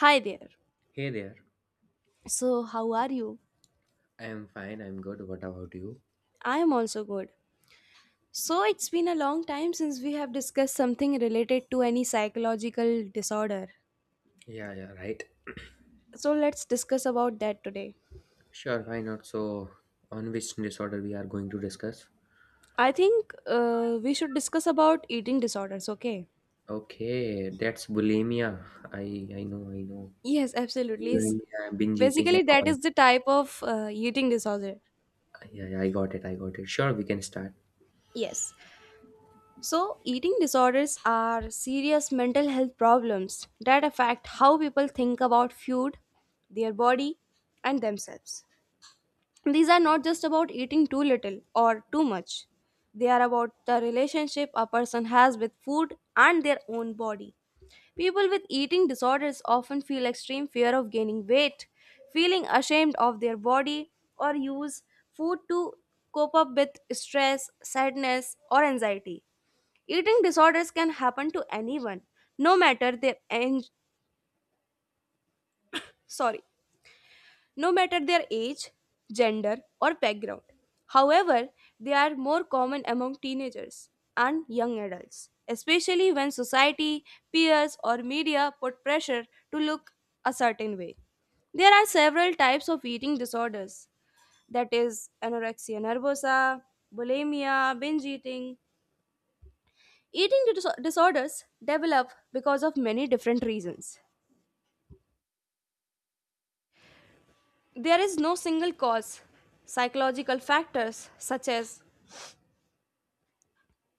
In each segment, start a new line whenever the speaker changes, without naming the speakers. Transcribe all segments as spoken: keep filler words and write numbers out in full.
Hi there.
Hey there.
So, how are you?
I'm fine. I'm good. What about you?
I am also good. So, it's been a long time since we have discussed something related to any psychological disorder.
Yeah, yeah, right.
So, let's discuss about that today.
Sure, why not? So, on which disorder we are going to discuss?
I think uh, we should discuss about eating disorders, okay?
Okay, that's bulimia. I I know, I know.
Yes, absolutely. S-
Bulimia, binge eating
Basically,
and
that
all.
is the type of uh, eating disorder.
Yeah, yeah, I got it. I got it. Sure, we can start.
Yes. So, eating disorders are serious mental health problems that affect how people think about food, their body, and themselves. These are not just about eating too little or too much. They are about the relationship a person has with food and their own body. People with eating disorders often feel extreme fear of gaining weight, feeling ashamed of their body, or use food to cope up with stress, sadness, or anxiety. Eating disorders can happen to anyone, no matter their age. Sorry, no matter their age, gender, or background. However, they are more common among teenagers and young adults, especially when society, peers, or media put pressure to look a certain way. There are several types of eating disorders, that is, anorexia nervosa, bulimia, binge eating. Eating dis- disorders develop because of many different reasons. There is no single cause. Psychological factors such as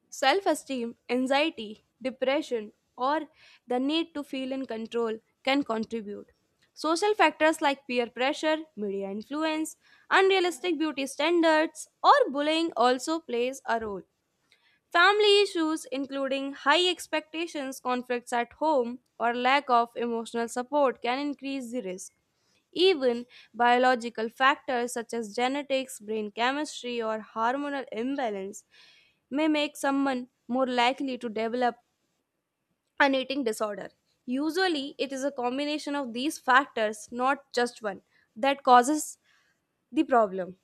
self esteem, anxiety, depression, or the need to feel in control can contribute. Social factors like peer pressure, media influence, unrealistic beauty standards, or bullying also plays a role. Family issues, including high expectations, conflicts at home, or lack of emotional support, can increase the risk. Even biological factors such as genetics, brain chemistry, or hormonal imbalance may make someone more likely to develop an eating disorder. Usually, it is a combination of these factors, not just one, that causes the problem.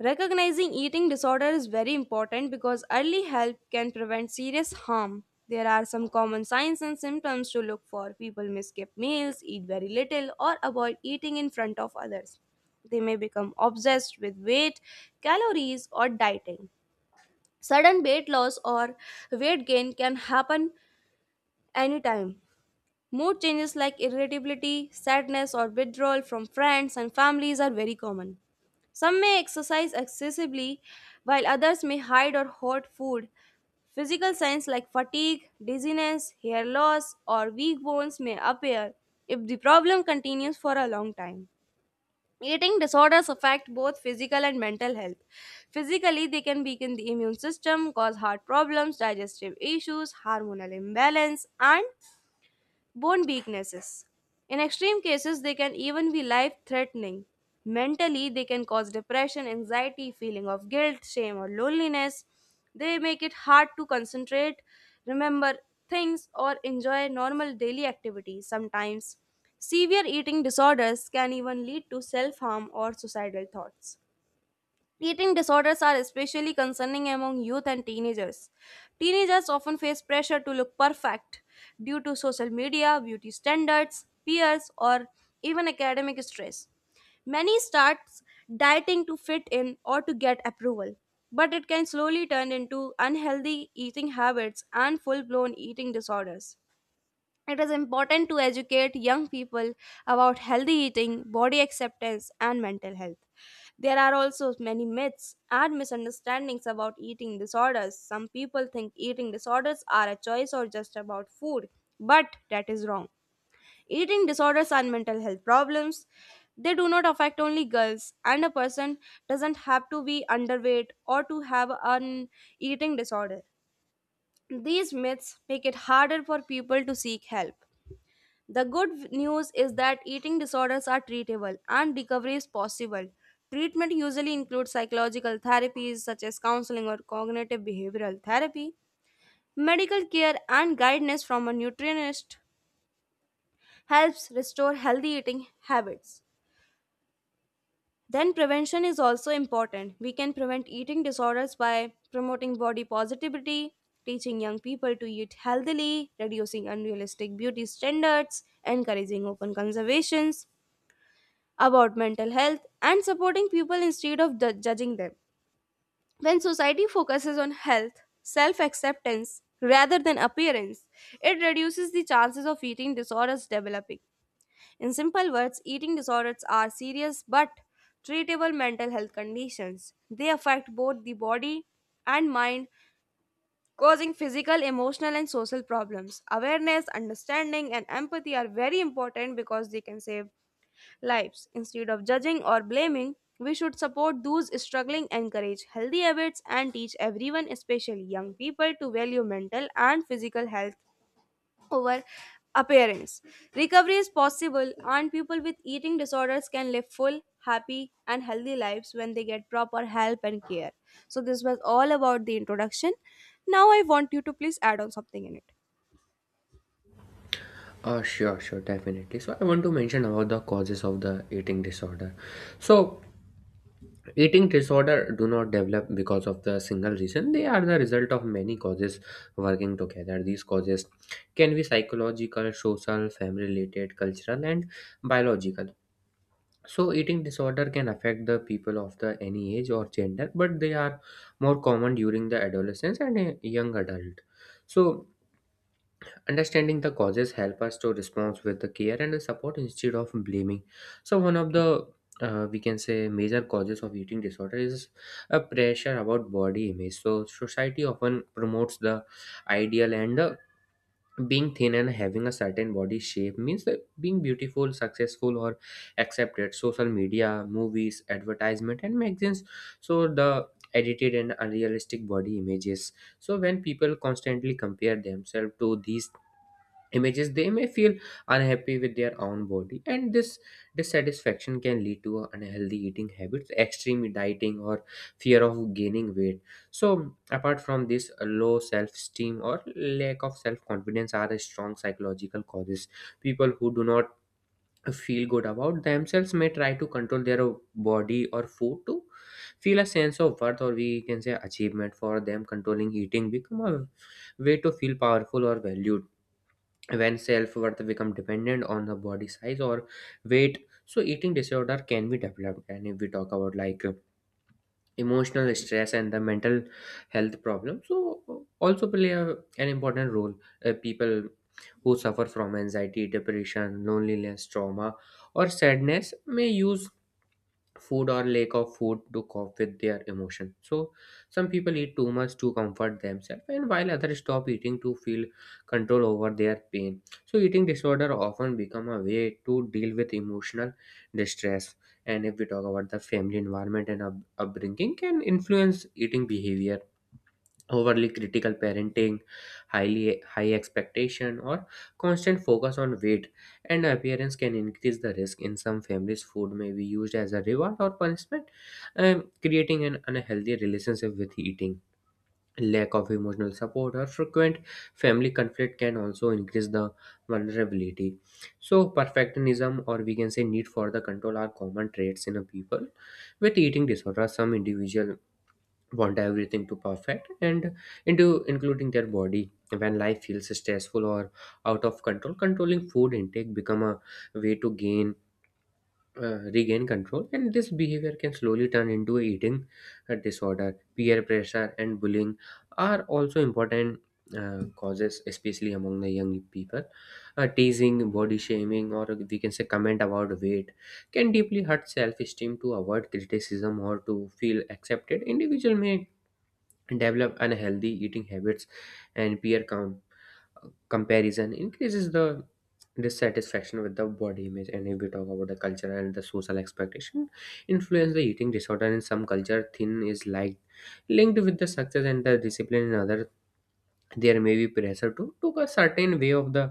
Recognizing eating disorder is very important because early help can prevent serious harm. There are some common signs and symptoms to look for. People may skip meals, eat very little, or avoid eating in front of others. They may become obsessed with weight, calories, or dieting. Sudden weight loss or weight gain can happen anytime. Mood changes like irritability, sadness, or withdrawal from friends and families are very common. Some may exercise excessively, while others may hide or hoard food. Physical signs like fatigue, dizziness, hair loss, or weak bones may appear if the problem continues for a long time. Eating disorders affect both physical and mental health. Physically, they can weaken the immune system, cause heart problems, digestive issues, hormonal imbalance, and bone weaknesses. In extreme cases, they can even be life threatening. Mentally, they can cause depression, anxiety, feeling of guilt, shame, or loneliness. They make it hard to concentrate, remember things, or enjoy normal daily activities sometimes. Severe eating disorders can even lead to self harm or suicidal thoughts. Eating disorders are especially concerning among youth and teenagers. Teenagers often face pressure to look perfect due to social media, beauty standards, peers, or even academic stress. Many start dieting to fit in or to get approval, but it can slowly turn into unhealthy eating habits and full blown eating disorders. It is important to educate young people about healthy eating, body acceptance, and mental health. There are also many myths and misunderstandings about eating disorders. Some people think eating disorders are a choice or just about food, but that is wrong. Eating disorders are mental health problems. They do not affect only girls, and a person doesn't have to be underweight or to have an eating disorder. These myths make it harder for people to seek help. The good news is that eating disorders are treatable and recovery is possible. Treatment usually includes psychological therapies such as counseling or cognitive behavioral therapy. Medical care and guidance from a nutritionist helps restore healthy eating habits. Then, prevention is also important. We can prevent eating disorders by promoting body positivity, teaching young people to eat healthily, reducing unrealistic beauty standards, encouraging open conservations about mental health, and supporting people instead of ju- judging them. When society focuses on health, self acceptance, rather than appearance, it reduces the chances of eating disorders developing. In simple words, eating disorders are serious but treatable mental health conditions. They affect both the body and mind, causing physical, emotional, and social problems. Awareness, understanding, and empathy are very important because they can save lives. Instead of judging or blaming, we should support those struggling, encourage healthy habits, and teach everyone, especially young people, to value mental and physical health over appearance. Recovery is possible, and people with eating disorders can live full, happy, and healthy lives when they get proper help and care. So, this was all about the introduction. Now, I want you to please add on something in it.
Oh, sure, sure, definitely. So, I want to mention about the causes of the eating disorder. So, eating disorder do not develop because of the single reason. They are the result of many causes working together. These causes can be psychological, social, family related, cultural, and biological. So eating disorder can affect the people of the any age or gender, but they are more common during the adolescence and a young adult. So understanding the causes help us to respond with the care and the support instead of blaming. So one of the uh, we can say major causes of eating disorder is a pressure about body image. So society often promotes the ideal and uh, being thin and having a certain body shape means that being beautiful, successful, or accepted. Social media, movies, advertisement, and magazines. So the edited and unrealistic body images. So when people constantly compare themselves to these images, they may feel unhappy with their own body, and this dissatisfaction can lead to unhealthy eating habits, extreme dieting, or fear of gaining weight. So apart from this, a low self-esteem or lack of self-confidence are strong psychological causes. People who do not feel good about themselves may try to control their body or food to feel a sense of worth, or we can say achievement. For them, controlling eating become a way to feel powerful or valued. When self-worth become dependent on the body size or weight, so eating disorder can be developed. And if we talk about like uh, emotional stress and the mental health problem, so uh, also play a, an important role. Uh, people who suffer from anxiety, depression, loneliness, trauma, or sadness may use food or lack of food to cope with their emotion. So some people eat too much to comfort themselves, and while others stop eating to feel control over their pain. So eating disorder often become a way to deal with emotional distress. And if we talk about the family environment and up- upbringing can influence eating behavior. Overly critical parenting, highly high expectation, or constant focus on weight and appearance can increase the risk. In some families, food may be used as a reward or punishment, um, creating an unhealthy relationship with eating. Lack of emotional support or frequent family conflict can also increase the vulnerability. So, perfectionism, or we can say need for the control, are common traits in a people with eating disorder. Some individual want everything to perfect and into including their body. When life feels stressful or out of control, controlling food intake become a way to gain uh, regain control, and this behavior can slowly turn into a eating uh, disorder. Peer pressure and bullying are also important uh, causes, especially among the young people. Uh, teasing, body shaming, or we can say comment about weight can deeply hurt self-esteem. To avoid criticism or to feel accepted, individual may develop unhealthy eating habits, and peer com- comparison increases the dissatisfaction with the body image. And if we talk about the cultural and the social expectation influence the eating disorder, in some culture thin is liked linked with the success and the discipline. In other, there may be pressure to took a certain way of the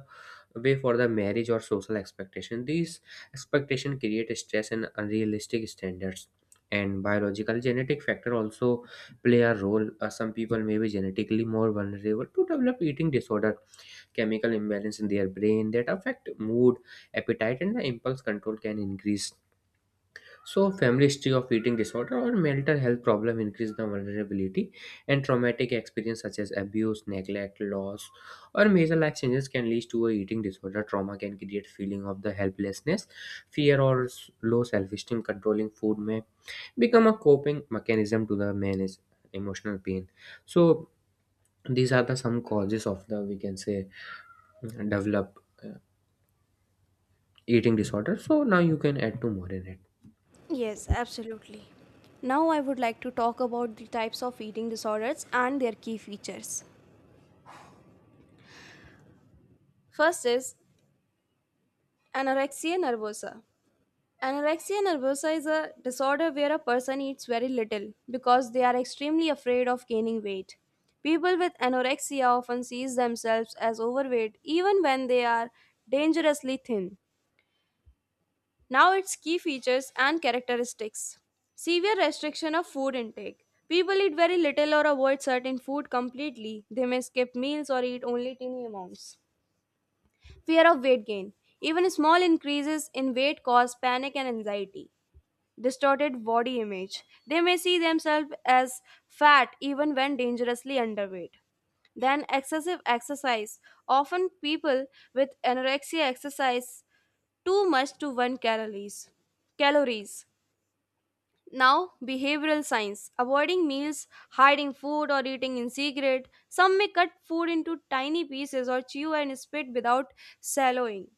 way for the marriage or social expectation. These expectation create stress and unrealistic standards. And biological genetic factor also play a role. Uh, some people may be genetically more vulnerable to develop eating disorder. Chemical imbalance in their brain that affect mood, appetite, and the impulse control can increase. So, family history of eating disorder or mental health problem increase the vulnerability, and traumatic experience such as abuse, neglect, loss, or major life changes can lead to a eating disorder. Trauma can create feeling of the helplessness, fear, or s- low self-esteem. Controlling food may become a coping mechanism to the manage emotional pain. So, these are the some causes of the we can say develop uh, eating disorder. So now you can add to more in it.
Yes, absolutely. Now I would like to talk about the types of eating disorders and their key features. First is anorexia nervosa. Anorexia nervosa is a disorder where a person eats very little because they are extremely afraid of gaining weight. People with anorexia often see themselves as overweight even when they are dangerously thin. Now its key features and characteristics. Severe restriction of food intake. People eat very little or avoid certain food completely. They may skip meals or eat only tiny amounts. Fear of weight gain. Even small increases in weight cause panic and anxiety. Distorted body image. They may see themselves as fat even when dangerously underweight. Then excessive exercise. Often, people with anorexia exercise too much to burn calories. Calories. Now, behavioral science. Avoiding meals, hiding food, or eating in secret. Some may cut food into tiny pieces or chew and spit without swallowing.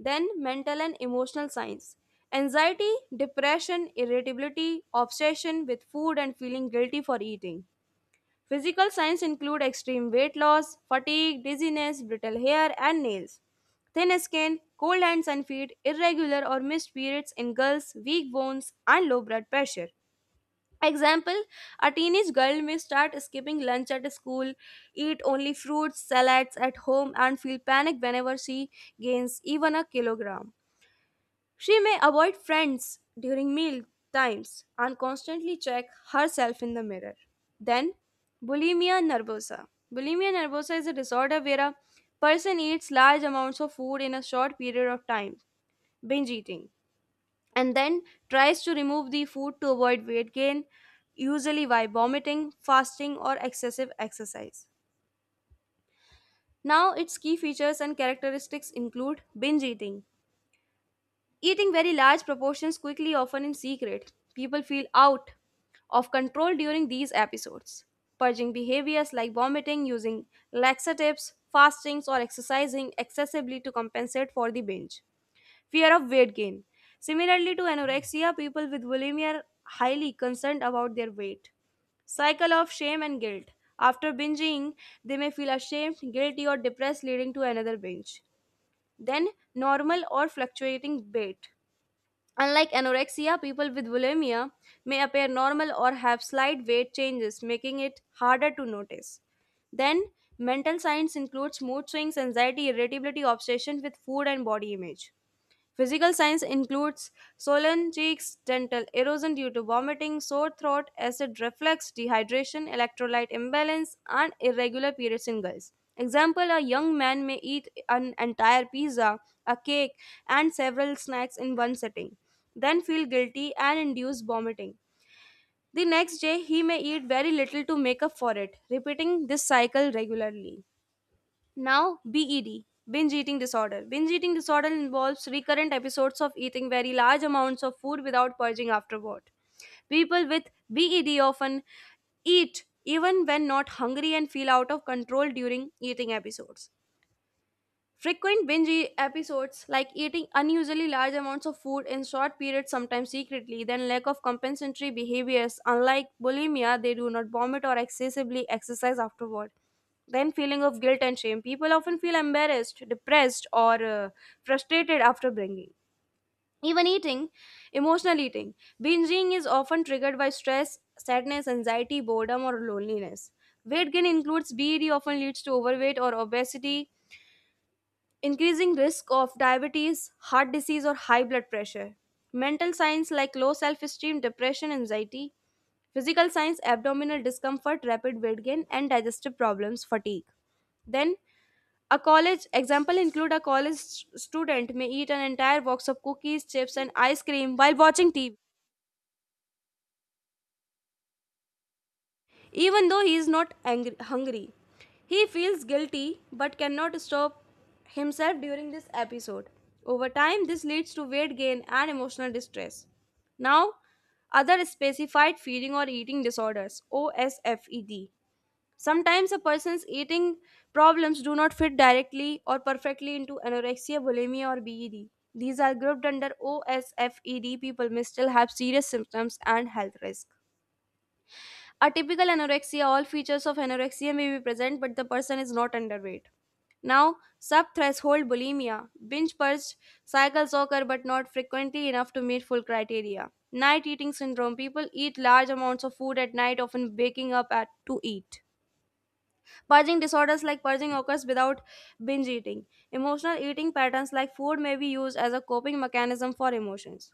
Then, mental and emotional science. Anxiety, depression, irritability, obsession with food, and feeling guilty for eating. Physical signs include extreme weight loss, fatigue, dizziness, brittle hair and nails, thin skin, cold hands and feet, irregular or missed periods in girls, weak bones, and low blood pressure. Example: a teenage girl may start skipping lunch at school, eat only fruits, salads at home, and feel panic whenever she gains even a kilogram. She may avoid friends during meal times and constantly check herself in the mirror. Then, bulimia nervosa. Bulimia nervosa is a disorder where a person eats large amounts of food in a short period of time, binge eating, and then tries to remove the food to avoid weight gain, usually by vomiting, fasting, or excessive exercise. Now, its key features and characteristics include binge eating, eating very large proportions quickly, often in secret, people feel out of control during these episodes. Purging behaviors like vomiting, using laxatives, fastings, or exercising excessively to compensate for the binge. Fear of weight gain. Similarly to anorexia, people with bulimia are highly concerned about their weight. Cycle of shame and guilt. After binging, they may feel ashamed, guilty, or depressed, leading to another binge. Then, normal or fluctuating weight. Unlike anorexia, people with bulimia may appear normal or have slight weight changes, making it harder to notice. Then, mental signs includes mood swings, anxiety, irritability, obsession with food, and body image. Physical signs includes swollen cheeks, dental erosion due to vomiting, sore throat, acid reflux, dehydration, electrolyte imbalance, and irregular periods in girls. Example: a young man may eat an entire pizza, a cake, and several snacks in one sitting, then feel guilty and induce vomiting. The next day, he may eat very little to make up for it, repeating this cycle regularly. Now, B E D, binge eating disorder. Binge eating disorder involves recurrent episodes of eating very large amounts of food without purging afterward. People with B E D often eat even when not hungry and feel out of control during eating episodes. Frequent binge e- episodes, like eating unusually large amounts of food in short periods, sometimes secretly, then lack of compensatory behaviors. Unlike bulimia, they do not vomit or excessively exercise afterward. Then, feeling of guilt and shame. People often feel embarrassed, depressed, or uh, frustrated after bringing. Even eating, emotional eating. Binging is often triggered by stress, sadness, anxiety, boredom, or loneliness. Weight gain includes B E D, often leads to overweight or obesity, increasing risk of diabetes, heart disease, or high blood pressure. Mental signs like low self esteem, depression, anxiety. Physical signs: abdominal discomfort, rapid weight gain, and digestive problems, fatigue. Then, a college example include a college st- student may eat an entire box of cookies, chips, and ice cream while watching T V. Even though he is not angry, hungry, he feels guilty but cannot stop himself during this episode. Over time, this leads to weight gain and emotional distress. Now, other specified feeding or eating disorders, OSFED. Sometimes a person's eating problems do not fit directly or perfectly into anorexia, bulimia, or B E D. These are grouped under OSFED. People may still have serious symptoms and health risk. A typical anorexia, all features of anorexia may be present, but the person is not underweight. Now, subthreshold bulimia. Binge purge cycles occur but not frequently enough to meet full criteria. Night eating syndrome. People eat large amounts of food at night, often waking up at to eat. Purging disorders like purging occurs without binge eating. Emotional eating patterns like food may be used as a coping mechanism for emotions.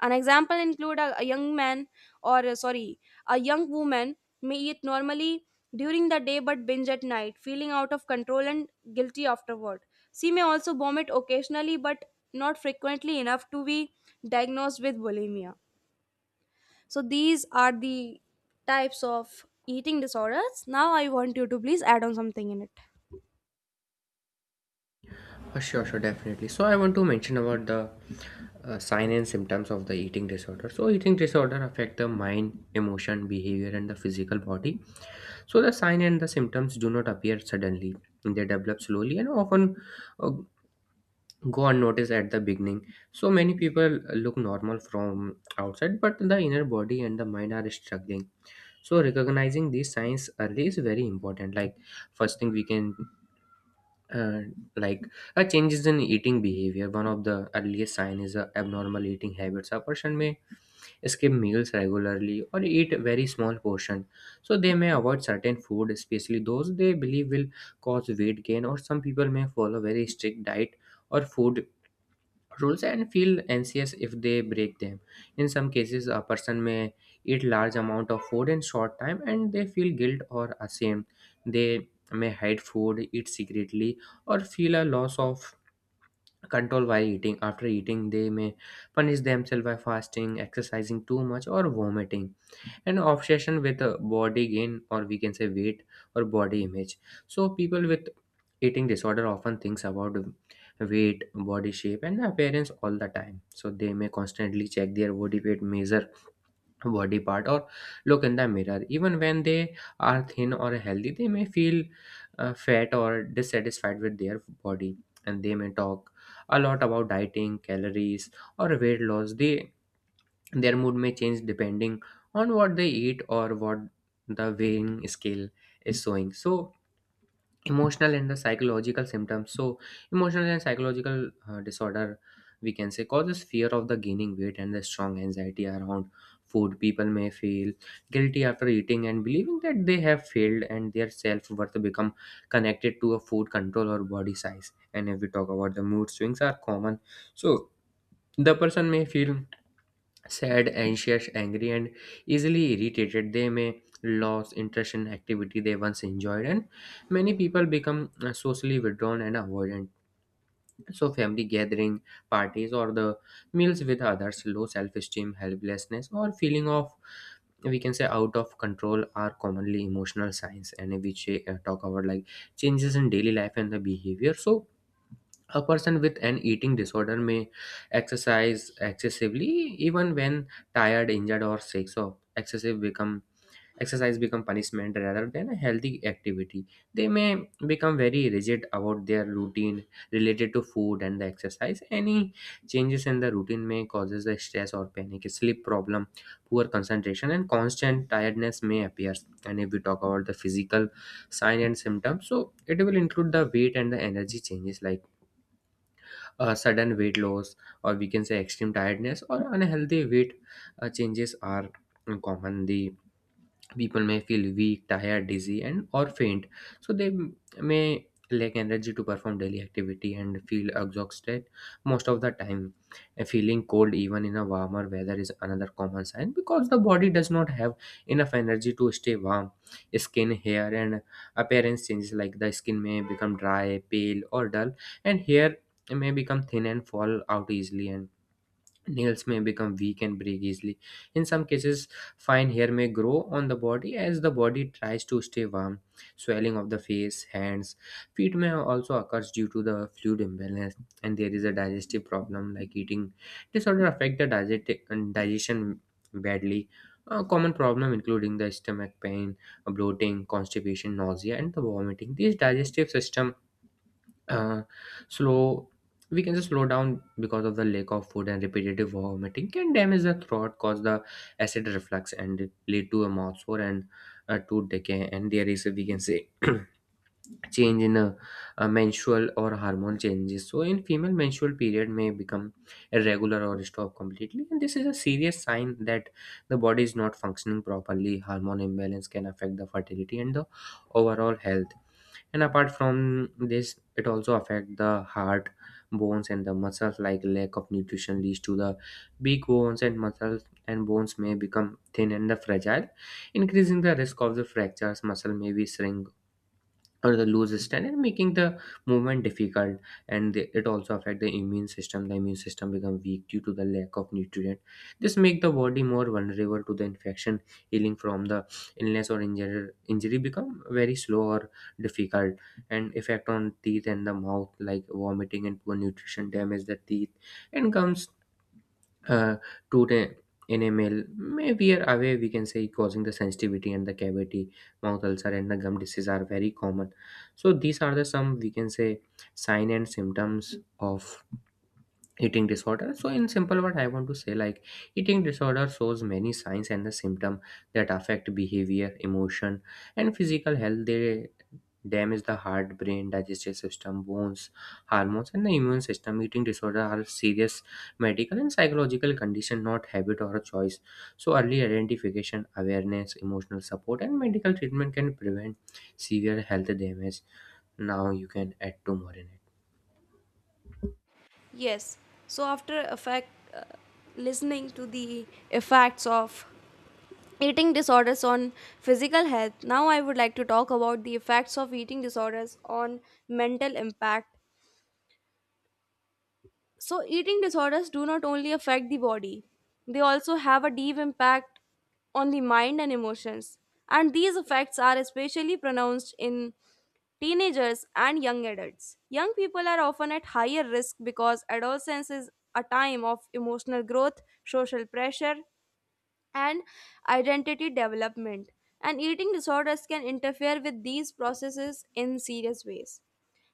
An example include a, a young man or uh, sorry, a young woman may eat normally during the day but binge at night, feeling out of control and guilty afterward. She may also vomit occasionally but not frequently enough to be diagnosed with bulimia. So these are the types of eating disorders. Now I want you to please add on something in it.
Uh, sure, sure, definitely. So I want to mention about the uh, sign and symptoms of the eating disorder. So eating disorder affect the mind, emotion, behavior, and the physical body. So the sign and the symptoms do not appear suddenly. They develop slowly and often uh, go unnoticed at the beginning. So many people look normal from outside, but the inner body and the mind are struggling. So recognizing these signs early is very important. Like first thing we can and like a changes in eating behavior, one of the earliest signs is uh, abnormal eating habits. A person may skip meals regularly or eat a very small portion. So they may avoid certain food, especially those they believe will cause weight gain, or some people may follow very strict diet or food rules and feel anxious if they break them. In some cases, a person may eat large amount of food in short time and they feel guilt or ashamed. They may hide food, eat secretly, or feel a loss of control while eating. After eating, they may punish themselves by fasting, exercising too much, or vomiting. An obsession with uh, body gain, or we can say weight or body image. So people with eating disorder often thinks about weight, body shape, and appearance all the time. So they may constantly check their body weight, measure body part, or look in the mirror. Even when they are thin or healthy, they may feel uh, fat or dissatisfied with their body, and they may talk a lot about dieting, calories, or weight loss. They Their mood may change depending on what they eat or what the weighing scale is showing. So, emotional and the psychological symptoms. So, emotional and psychological uh, disorder, we can say, causes fear of the gaining weight and the strong anxiety around food. People may feel guilty after eating and believing that they have failed, and their self worth become connected to a food control or body size. And if we talk about the mood swings, are common. So, the person may feel sad, anxious, angry, and easily irritated. They may lose interest in activity they once enjoyed, and many people become uh, socially withdrawn and avoidant. So, family gathering, parties, or the meals with others, low self esteem, helplessness, or feeling of we can say out of control are commonly emotional signs. And we ch- uh, talk about like changes in daily life and the behavior. So a person with an eating disorder may exercise excessively even when tired, injured, or sick. So excessive become exercise become punishment rather than a healthy activity. They may become very rigid about their routine related to food and the exercise. Any changes in the routine may causes the stress or panic. Sleep problem, poor concentration, and constant tiredness may appear. And if we talk about the physical sign and symptoms, so it will include the weight and the energy changes, like uh, sudden weight loss, or we can say extreme tiredness or unhealthy weight uh, changes are common. The people may feel weak, tired, dizzy, and or faint. So they m- may lack energy to perform daily activity and feel exhausted most of the time. A feeling cold even in a warmer weather is another common sign, because the body does not have enough energy to stay warm. Skin, hair, and appearance changes, like the skin may become dry, pale, or dull, and hair may become thin and fall out easily, and nails may become weak and break easily. In some cases, fine hair may grow on the body as the body tries to stay warm. Swelling of the face, hands, feet may also occur due to the fluid imbalance. And there is a digestive problem like eating disorder affect the digesti- and digestion badly. A common problem including the stomach pain, bloating, constipation, nausea, and the vomiting. These digestive system uh, slow we can just slow down because of the lack of food, and repetitive vomiting can damage the throat, cause the acid reflux, and lead to a mouth sore and uh, tooth decay. And there is, we can say, change in a, a menstrual or hormone changes. So in female, menstrual period may become irregular or stop completely, and this is a serious sign that the body is not functioning properly. Hormone imbalance can affect the fertility and the overall health. And apart from this, it also affect the heart, bones, and the muscles. Like, lack of nutrition leads to the weak bones and muscles, and bones may become thin and the fragile, increasing the risk of the fractures. Muscle may be shrink or the loose stand and making the movement difficult. And the- it also affect the immune system. The immune system become weak due to the lack of nutrient. This make the body more vulnerable to the infection. Healing from the illness or injury injury become very slow or difficult. And effect on teeth and the mouth, like vomiting and poor nutrition damage the teeth and gums. Uh, to the Enamel may wear away, we can say, causing the sensitivity and the cavity. Mouth ulcer and the gum disease are very common. So these are the some, we can say, sign and symptoms of eating disorder. So in simple, what I want to say, like, eating disorder shows many signs and the symptom that affect behavior, emotion, and physical health. They damage the heart, brain, digestive system, bones, hormones, and the immune system. Eating disorder are serious medical and psychological condition, not habit or a choice. So early identification, awareness, emotional support, and medical treatment can prevent severe health damage. Now you can add two more in it.
Yes. So after effect uh, listening to the effects of eating disorders on physical health, now I would like to talk about the effects of eating disorders on mental impact. So eating disorders do not only affect the body, they also have a deep impact on the mind and emotions, and these effects are especially pronounced in teenagers and young adults. Young people are often at higher risk because adolescence is a time of emotional growth, social pressure, and identity development. And eating disorders can interfere with these processes in serious ways.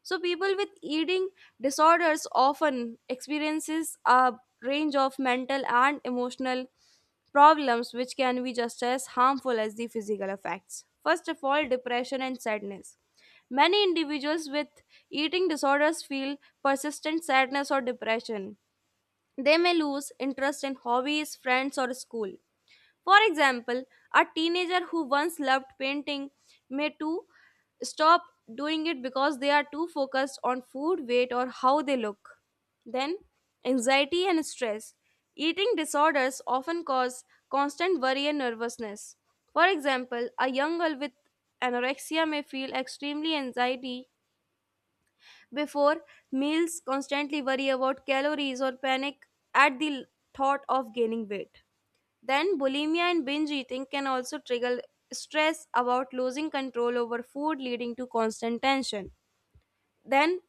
So people with eating disorders often experiences a range of mental and emotional problems, which can be just as harmful as the physical effects. First of all, depression and sadness. Many individuals with eating disorders feel persistent sadness or depression. They may lose interest in hobbies, friends, or school. For example, a teenager who once loved painting may too stop doing it because they are too focused on food, weight, or how they look. Then, anxiety and stress. Eating disorders often cause constant worry and nervousness. For example, a young girl with anorexia may feel extremely anxiety before meals, constantly worry about calories, or panic at the thought of gaining weight. Then, bulimia and binge eating can also trigger stress about losing control over food, leading to constant tension. Then,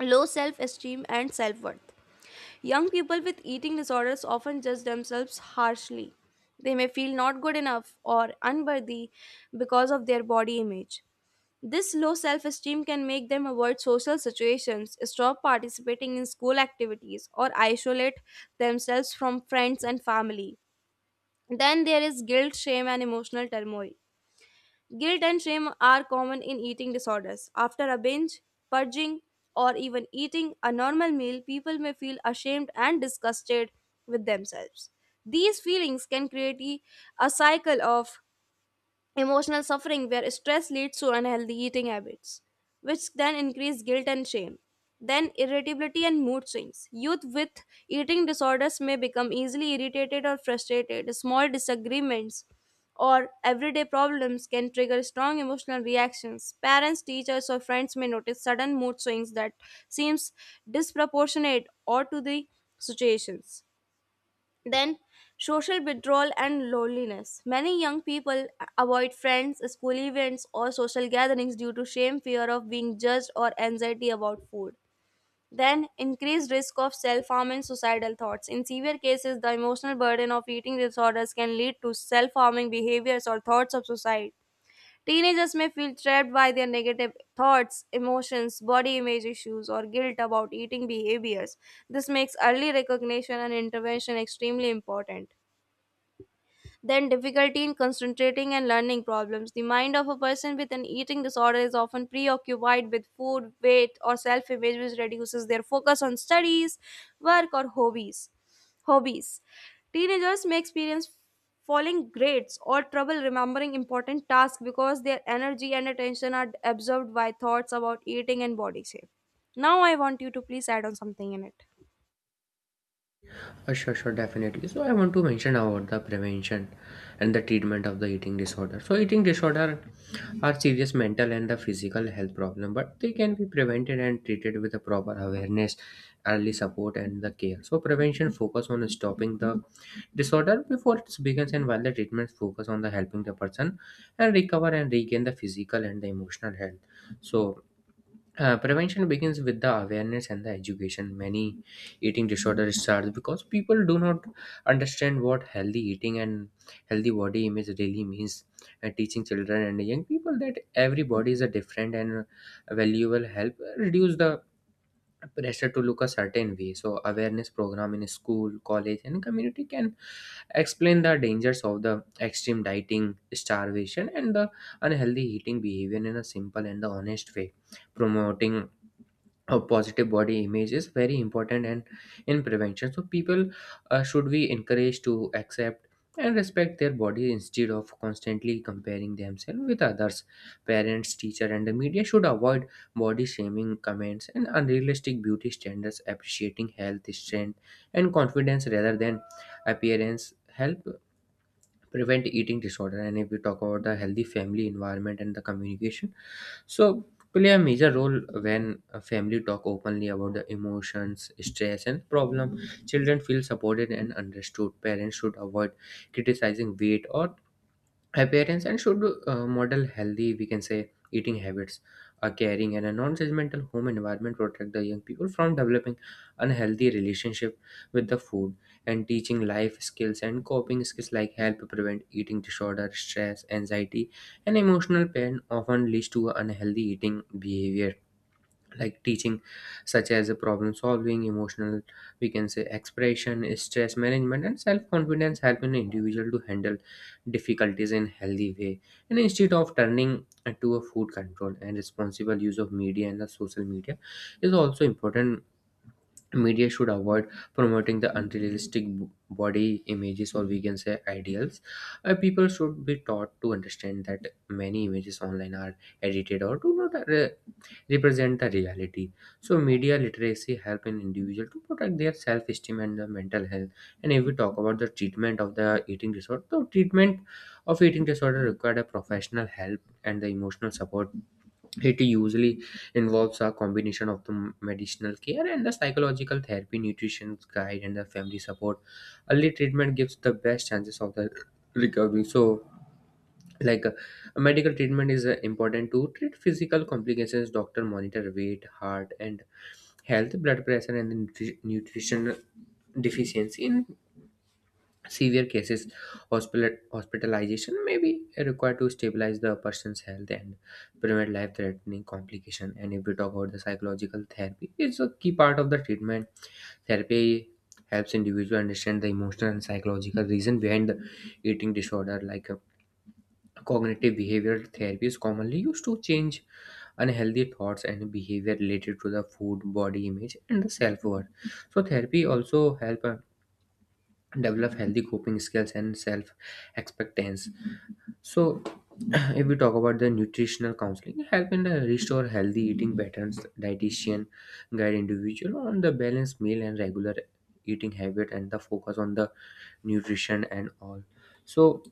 low self esteem and self worth. Young people with eating disorders often judge themselves harshly. They may feel not good enough or unworthy because of their body image. This low self esteem can make them avoid social situations, stop participating in school activities, or isolate themselves from friends and family. Then there is guilt, shame, and emotional turmoil. Guilt and shame are common in eating disorders. After a binge, purging, or even eating a normal meal, people may feel ashamed and disgusted with themselves. These feelings can create a a cycle of emotional suffering where stress leads to unhealthy eating habits, which then increase guilt and shame. Then irritability and mood swings. Youth with eating disorders may become easily irritated or frustrated. Small disagreements or everyday problems can trigger strong emotional reactions. Parents, teachers, or friends may notice sudden mood swings that seems disproportionate or to the situations. Then, social withdrawal and loneliness. Many young people avoid friends, school events, or social gatherings due to shame, fear of being judged, or anxiety about food. Then, increased risk of self harm and suicidal thoughts. In severe cases, the emotional burden of eating disorders can lead to self harming behaviors or thoughts of suicide. Teenagers may feel trapped by their negative thoughts, emotions, body image issues, or guilt about eating behaviors. This makes early recognition and intervention extremely important. Then difficulty in concentrating and learning problems. The mind of a person with an eating disorder is often preoccupied with food, weight, or self image, which reduces their focus on studies, work, or hobbies. Hobbies. Teenagers may experience falling grades or trouble remembering important tasks because their energy and attention are absorbed by thoughts about eating and body shape. Now, I want you to please add on something in it.
Uh, sure, sure, definitely. So I want to mention about the prevention and the treatment of the eating disorder. So eating disorder are serious mental and the physical health problem, but they can be prevented and treated with a proper awareness, early support, and the care. So prevention focus on stopping the disorder before it begins, and while the treatments focus on the helping the person and recover and regain the physical and the emotional health. So uh, prevention begins with the awareness and the education. Many eating disorders start because people do not understand what healthy eating and healthy body image really means. And teaching children and young people that every body is a different and valuable help reduce the pressure to look a certain way. So awareness program in school, college, and community can explain the dangers of the extreme dieting, starvation, and the unhealthy eating behavior in a simple and the honest way. Promoting a positive body image is very important and in prevention. So people uh, should be encouraged to accept and respect their body instead of constantly comparing themselves with others. Parents, teacher, and the media should avoid body shaming comments and unrealistic beauty standards. Appreciating health, strength, and confidence rather than appearance help prevent eating disorder. And if we talk about the healthy family environment and the communication, so, play a major role when a family talk openly about the emotions, stress, and problem. Children feel supported and understood. Parents should avoid criticizing weight or appearance, and should uh, model healthy, we can say, eating habits. A caring and a non-judgmental home environment protect the young people from developing unhealthy relationship with the food. And teaching life skills and coping skills like help prevent eating disorder. Stress, anxiety, and emotional pain often leads to unhealthy eating behaviors. Like teaching, such as a problem solving, emotional, we can say, expression, stress management, and self confidence help an individual to handle difficulties in healthy way, and instead of turning to a food control. And responsible use of media and the social media is also important. Media should avoid promoting the unrealistic b- body images, or we can say ideals. Uh, people should be taught to understand that many images online are edited or do not re- represent the reality. So media literacy help an individual to protect their self-esteem and the mental health. And if we talk about the treatment of the eating disorder, the treatment of eating disorder required a professional help and the emotional support. It usually involves a combination of the medicinal care and the psychological therapy, nutrition guide, and the family support. Early treatment gives the best chances of the recovery. So like uh, medical treatment is uh, important to treat physical complications. Doctor monitor weight, heart and health, blood pressure, and nutri- nutrition deficiency. In severe cases, hospital hospitalization may be required to stabilize the person's health and prevent life threatening complication. And if we talk about the psychological therapy, it's a key part of the treatment. Therapy helps individual understand the emotional and psychological reason behind the eating disorder. Like, uh, cognitive behavioral therapy is commonly used to change unhealthy thoughts and behavior related to the food, body image, and the self-worth. So therapy also help uh, develop healthy coping skills and self-expectance. So if we talk about the nutritional counseling, help in the restore healthy eating patterns, dietitian guide individual on the balanced meal and regular eating habit and the focus on the nutrition and all. So